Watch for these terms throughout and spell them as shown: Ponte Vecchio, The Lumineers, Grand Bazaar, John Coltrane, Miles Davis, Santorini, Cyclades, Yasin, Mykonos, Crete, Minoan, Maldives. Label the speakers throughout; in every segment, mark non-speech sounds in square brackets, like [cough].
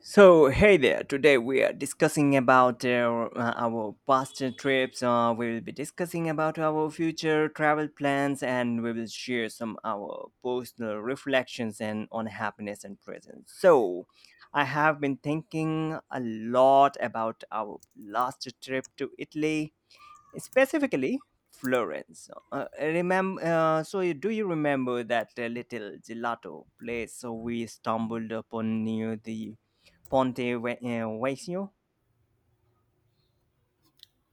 Speaker 1: So, hey there. Today we are discussing about our past trips. We will be discussing about our future travel plans, and we will share some our personal reflections and on happiness and present. I have been thinking a lot about our last trip to Italy, specifically Florence. Do you remember that little gelato place we stumbled upon near the Vecchio?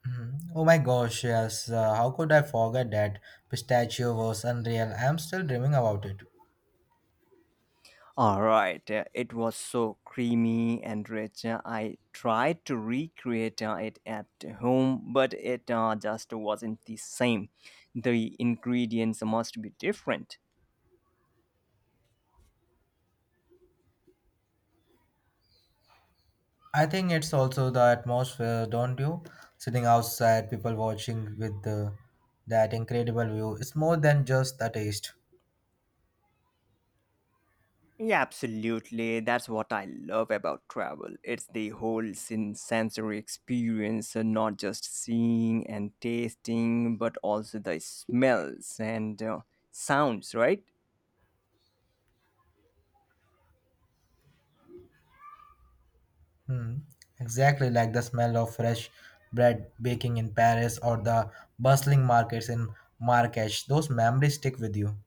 Speaker 2: Mhm. Oh my gosh, yes. How could I forget that pistachio was unreal? I'm still dreaming about it.
Speaker 1: All right, it was so creamy and rich. I tried to recreate it at home, but it just wasn't the same. The ingredients must be different.
Speaker 2: I think it's also the atmosphere, don't you? Sitting outside, people watching with that incredible view. It's more than just the taste.
Speaker 1: Yeah, absolutely. That's what I love about travel. It's the whole sensory experience, not just seeing and tasting, but also the smells and sounds, right?
Speaker 2: Hmm. Exactly like the smell of fresh bread baking in Paris or the bustling markets in Marrakesh. Those memories stick with you.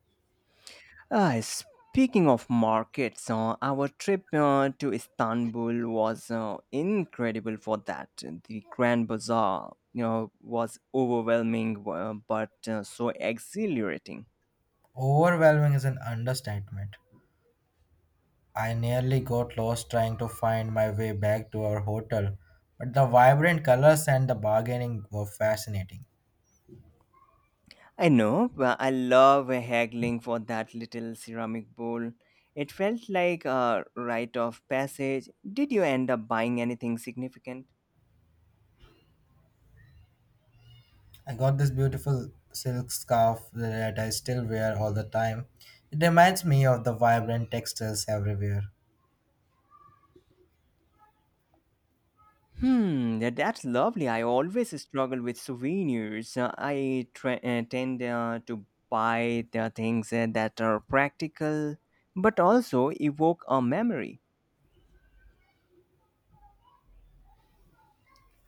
Speaker 1: Speaking of markets, our trip to Istanbul was incredible for that. The Grand Bazaar was overwhelming, but so exhilarating.
Speaker 2: Overwhelming is an understatement. I nearly got lost trying to find my way back to our hotel, but the vibrant colors and the bargaining were fascinating.
Speaker 1: I know, but I love haggling for that little ceramic bowl. It felt like a rite of passage. Did you end up buying anything significant?
Speaker 2: I got this beautiful silk scarf that I still wear all the time. It reminds me of the vibrant textiles everywhere.
Speaker 1: Hmm, that's lovely. I always struggle with souvenirs. Tend to buy the things that are practical but also evoke a memory.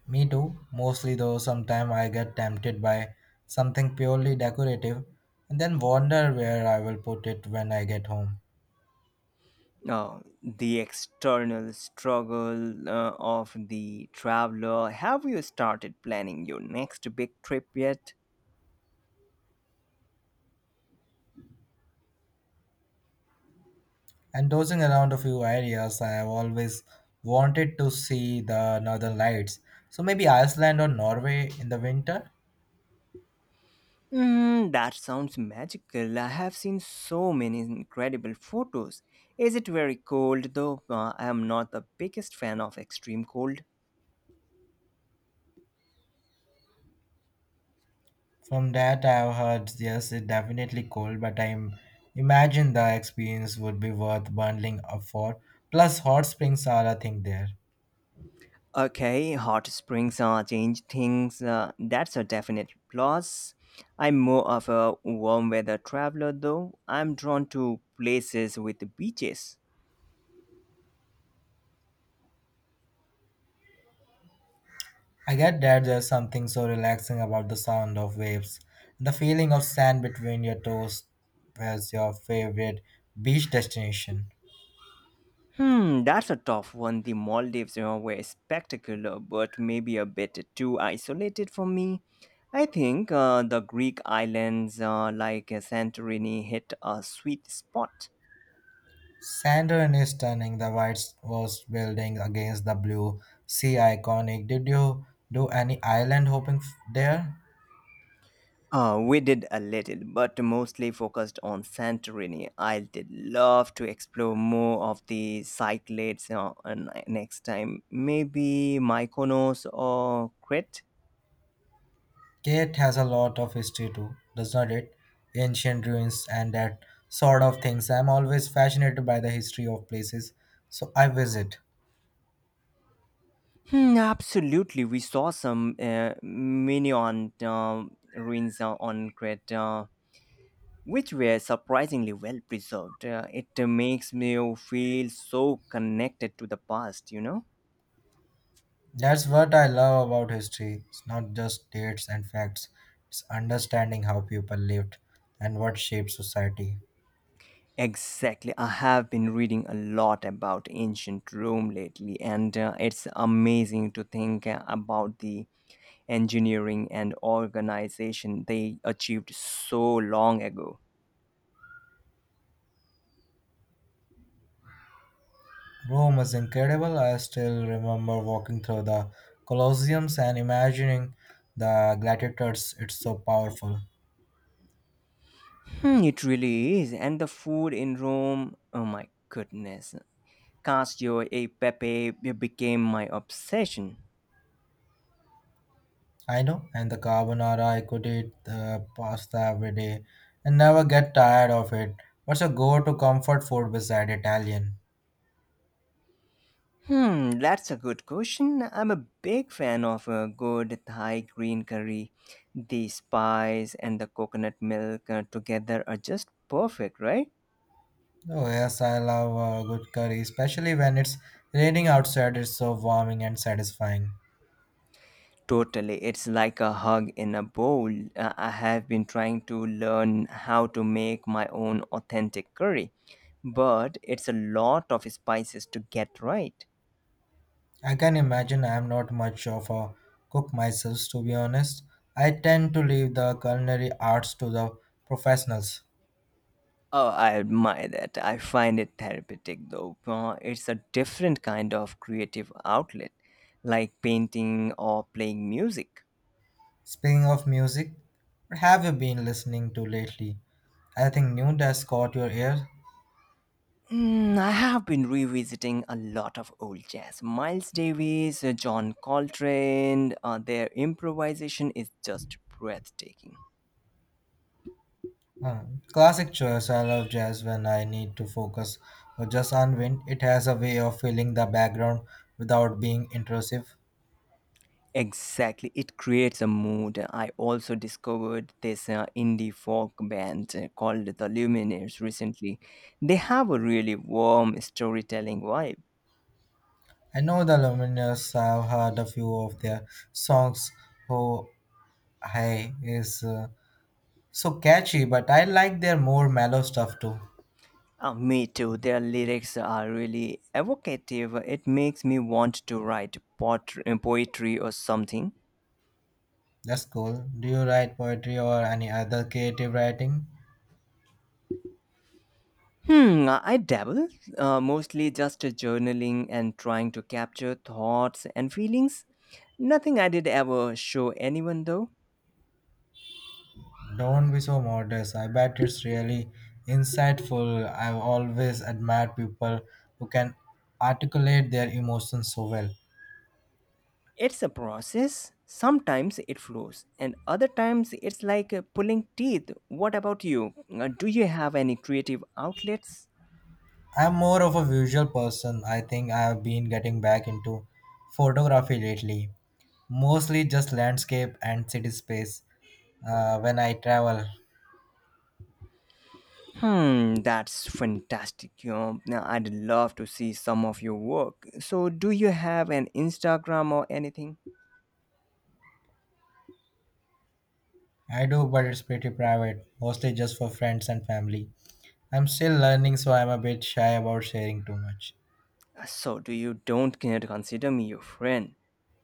Speaker 2: Me too, mostly, though sometimes I get tempted by something purely decorative and then wonder where I will put it when I get home.
Speaker 1: Now, the external struggle of the traveler. Have you started planning your next big trip yet?
Speaker 2: And dozing around a few areas, I have always wanted to see the northern lights. So maybe Iceland or Norway in the winter.
Speaker 1: Mm, that sounds magical. I have seen so many incredible photos. Is it very cold though? I am not the biggest fan of extreme cold.
Speaker 2: From that I've heard, yes, it's definitely cold, but I am imagine the experience would be worth bundling up for. Plus hot springs are a thing there.
Speaker 1: Okay, hot springs are change things. That's a definite plus. I'm more of a warm weather traveler though. I'm drawn to places with beaches.
Speaker 2: I get that. There's something so relaxing about the sound of waves, the feeling of sand between your toes as your favorite beach destination.
Speaker 1: Hmm, that's a tough one. The Maldives, were spectacular, but maybe a bit too isolated for me. I think the Greek islands Santorini hit a sweet spot.
Speaker 2: Saturn is turning the White House building against the blue sea iconic. Did you do any island hopping there?
Speaker 1: We did a little, but mostly focused on Santorini. I did love to explore more of the Cyclades next time. Maybe Mykonos or Crete.
Speaker 2: Kate has a lot of history too, does not it? Ancient ruins and that sort of things. I'm always fascinated by the history of places, so I visit.
Speaker 1: Hmm, absolutely. We saw some Minoan ruins on Crete, which were surprisingly well preserved. It makes me feel so connected to the past, you know?
Speaker 2: That's what I love about history. It's not just dates and facts, it's understanding how people lived and what shaped society.
Speaker 1: Exactly. I have been reading a lot about ancient Rome lately, and it's amazing to think about the engineering and organization they achieved so long ago.
Speaker 2: Rome is incredible. I still remember walking through the Colosseums and imagining the gladiators. It's so powerful.
Speaker 1: Hmm, it really is. And the food in Rome, oh my goodness. Cassio e pepe became my obsession.
Speaker 2: I know, and the carbonara, I could eat the pasta every day and never get tired of it. What's your go to comfort food beside Italian?
Speaker 1: Hmm, that's a good question. I'm a big fan of a good Thai green curry. The spice and the coconut milk together are just perfect, right?
Speaker 2: Oh, yes, I love good curry, especially when it's raining outside. It's so warming and satisfying.
Speaker 1: Totally. It's like a hug in a bowl. I have been trying to learn how to make my own authentic curry, but it's a lot of spices to get right.
Speaker 2: I can imagine. I'm not much of a cook myself, to be honest. I tend to leave the culinary arts to the professionals.
Speaker 1: Oh, I admire that. I find it therapeutic though. It's a different kind of creative outlet, like painting or playing music.
Speaker 2: Speaking of music, what have you been listening to lately? Anything new that's caught your ear?
Speaker 1: Mm, I have been revisiting a lot of old jazz. Miles Davis, John Coltrane, their improvisation is just breathtaking.
Speaker 2: Uh, classic choice. I love jazz when I need to focus or just unwind. It has a way of filling the background without being intrusive.
Speaker 1: Exactly, it creates a mood. I also discovered this indie folk band called The Lumineers recently. They have a really warm storytelling vibe.
Speaker 2: I know the Lumineers. I've heard a few of their songs. Who Hi is so catchy, but I like their more mellow stuff too.
Speaker 1: Me too, their lyrics are really evocative. It makes me want to write poetry or something.
Speaker 2: That's cool. Do you write poetry or any other creative writing?
Speaker 1: Hmm, I dabble, mostly just journaling and trying to capture thoughts and feelings. Nothing I did ever show anyone though.
Speaker 2: Don't be so modest. I bet it's really insightful. I've always admired people who can articulate their emotions so well.
Speaker 1: It's a process. Sometimes it flows, and other times it's like pulling teeth. What about you? Do you have any creative outlets?
Speaker 2: I'm more of a visual person. I think I have been getting back into photography lately, mostly just landscape and city space when I travel.
Speaker 1: Hmm, that's fantastic. You know, now, I'd love to see some of your work. So, do you have an Instagram or anything?
Speaker 2: I do, but it's pretty private, mostly just for friends and family. I'm still learning, so I'm a bit shy about sharing too much.
Speaker 1: So do you don't care to consider me your friend?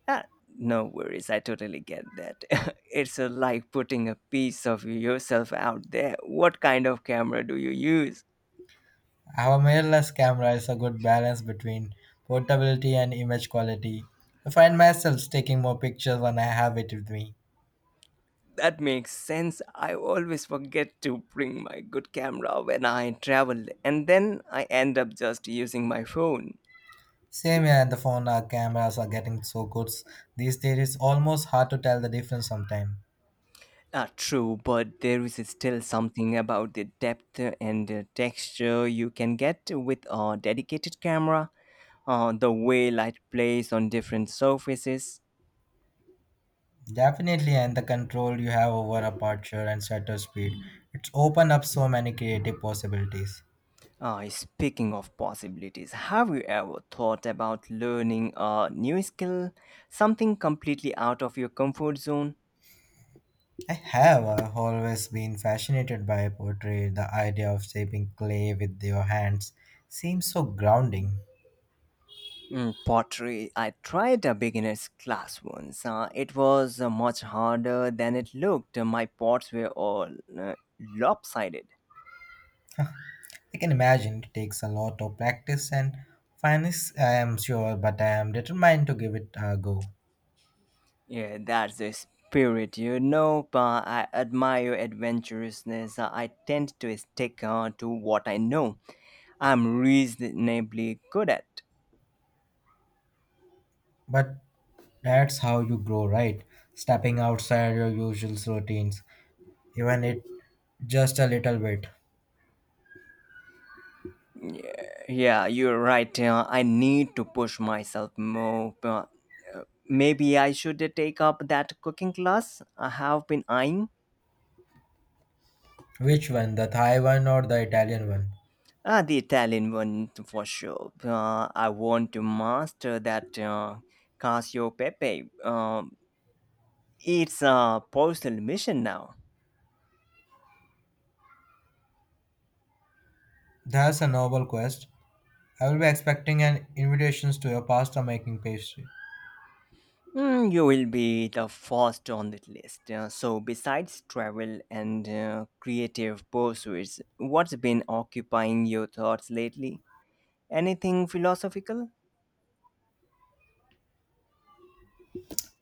Speaker 1: Ah, no worries, I totally get that. [laughs] It's like putting a piece of yourself out there. What kind of camera do you use?
Speaker 2: Our mirrorless camera is a good balance between portability and image quality. I find myself taking more pictures when I have it with me.
Speaker 1: That makes sense. I always forget to bring my good camera when I travel, and then I end up just using my phone.
Speaker 2: Same here, and the phone our cameras are getting so good these days, it's almost hard to tell the difference sometimes.
Speaker 1: Ah, true, but there is still something about the depth and texture you can get with a dedicated camera. The way light plays on different surfaces.
Speaker 2: Definitely, and the control you have over aperture and shutter speed, it's opened up so many creative possibilities.
Speaker 1: Speaking of possibilities, have you ever thought about learning a new skill? Something completely out of your comfort zone?
Speaker 2: I have always been fascinated by poetry. The idea of shaping clay with your hands seems so grounding.
Speaker 1: Mm, pottery. I tried a beginner's class once. It was much harder than it looked. My pots were all lopsided.
Speaker 2: I can imagine it takes a lot of practice and finesse, I am sure, but I am determined to give it a go.
Speaker 1: Yeah, that's the spirit, you know. But I admire your adventurousness. I tend to stick to what I know. I'm reasonably good at.
Speaker 2: But that's how you grow, right? Stepping outside your usual routines, even it just a little bit.
Speaker 1: Yeah, you're right. I need to push myself more. But uh, maybe I should take up that cooking class I have been eyeing.
Speaker 2: Which one, the Thai one or the Italian one?
Speaker 1: Ah, the Italian one for sure. I want to master that Casio Pepe. It's a personal mission now.
Speaker 2: That's a noble quest. I will be expecting an invitations to your pasta making pastry.
Speaker 1: Mm, you will be the first on that list. So, besides travel and creative pursuits, what's been occupying your thoughts lately? Anything philosophical?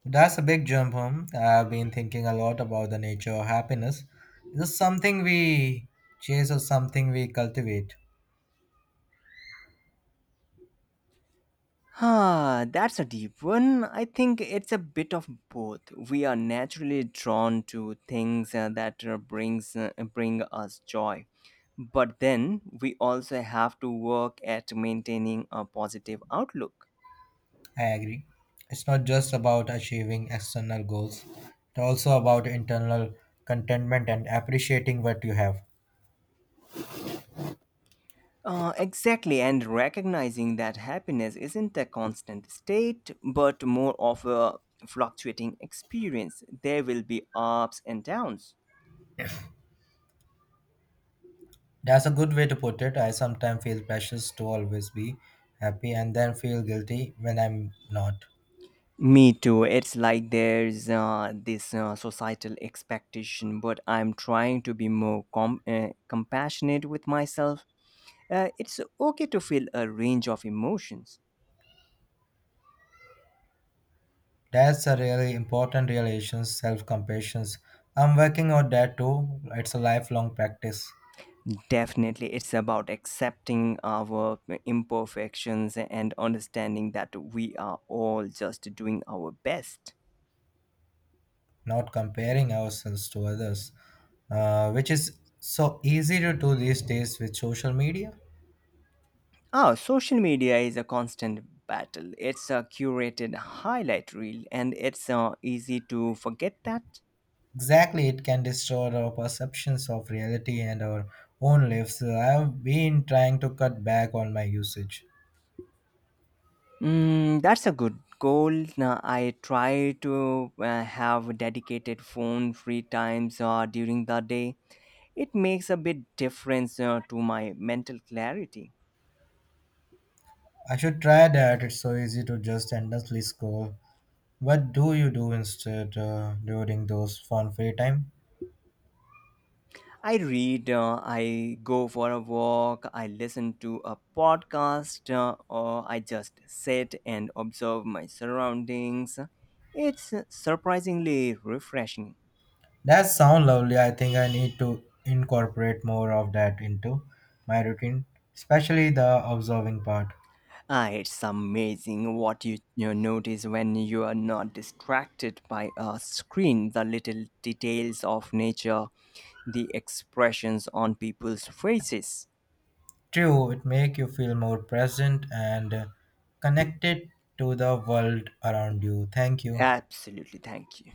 Speaker 2: That's a big jump home. I've been thinking a lot about the nature of happiness. Is this something we chase or something we cultivate?
Speaker 1: Ah, that's a deep one. I think it's a bit of both. We are naturally drawn to things that bring us joy, but then we also have to work at maintaining a positive outlook.
Speaker 2: I agree. It's not just about achieving external goals, it's also about internal contentment and appreciating what you have.
Speaker 1: Exactly, and recognizing that happiness isn't a constant state, but more of a fluctuating experience. There will be ups and downs.
Speaker 2: That's a good way to put it. I sometimes feel precious to always be happy and then feel guilty when I'm not.
Speaker 1: Me too. It's like there's this societal expectation, but I'm trying to be more compassionate with myself. It's okay to feel a range of emotions.
Speaker 2: That's a really important realization, self compassion. I'm working on that too. It's a lifelong practice.
Speaker 1: Definitely, it's about accepting our imperfections and understanding that we are all just doing our best.
Speaker 2: Not comparing ourselves to others, which is so easy to do these days with social media.
Speaker 1: Ah, social media is a constant battle. It's a curated highlight reel, and it's easy to forget that.
Speaker 2: Exactly, it can distort our perceptions of reality and our own lives. I've been trying to cut back on my usage.
Speaker 1: Mm, that's a good goal. Now, I try to have dedicated phone free times during the day. It makes a bit difference to my mental clarity.
Speaker 2: I should try that. It's so easy to just endlessly scroll. What do you do instead during those fun free time?
Speaker 1: I read, I go for a walk, I listen to a podcast, or I just sit and observe my surroundings. It's surprisingly refreshing.
Speaker 2: That sounds lovely. I think I need to incorporate more of that into my routine, especially the observing part.
Speaker 1: Ah, it's amazing what you notice when you are not distracted by a screen, the little details of nature, the expressions on people's faces.
Speaker 2: True, it make you feel more present and connected to the world around you. Thank you.
Speaker 1: Absolutely, thank you.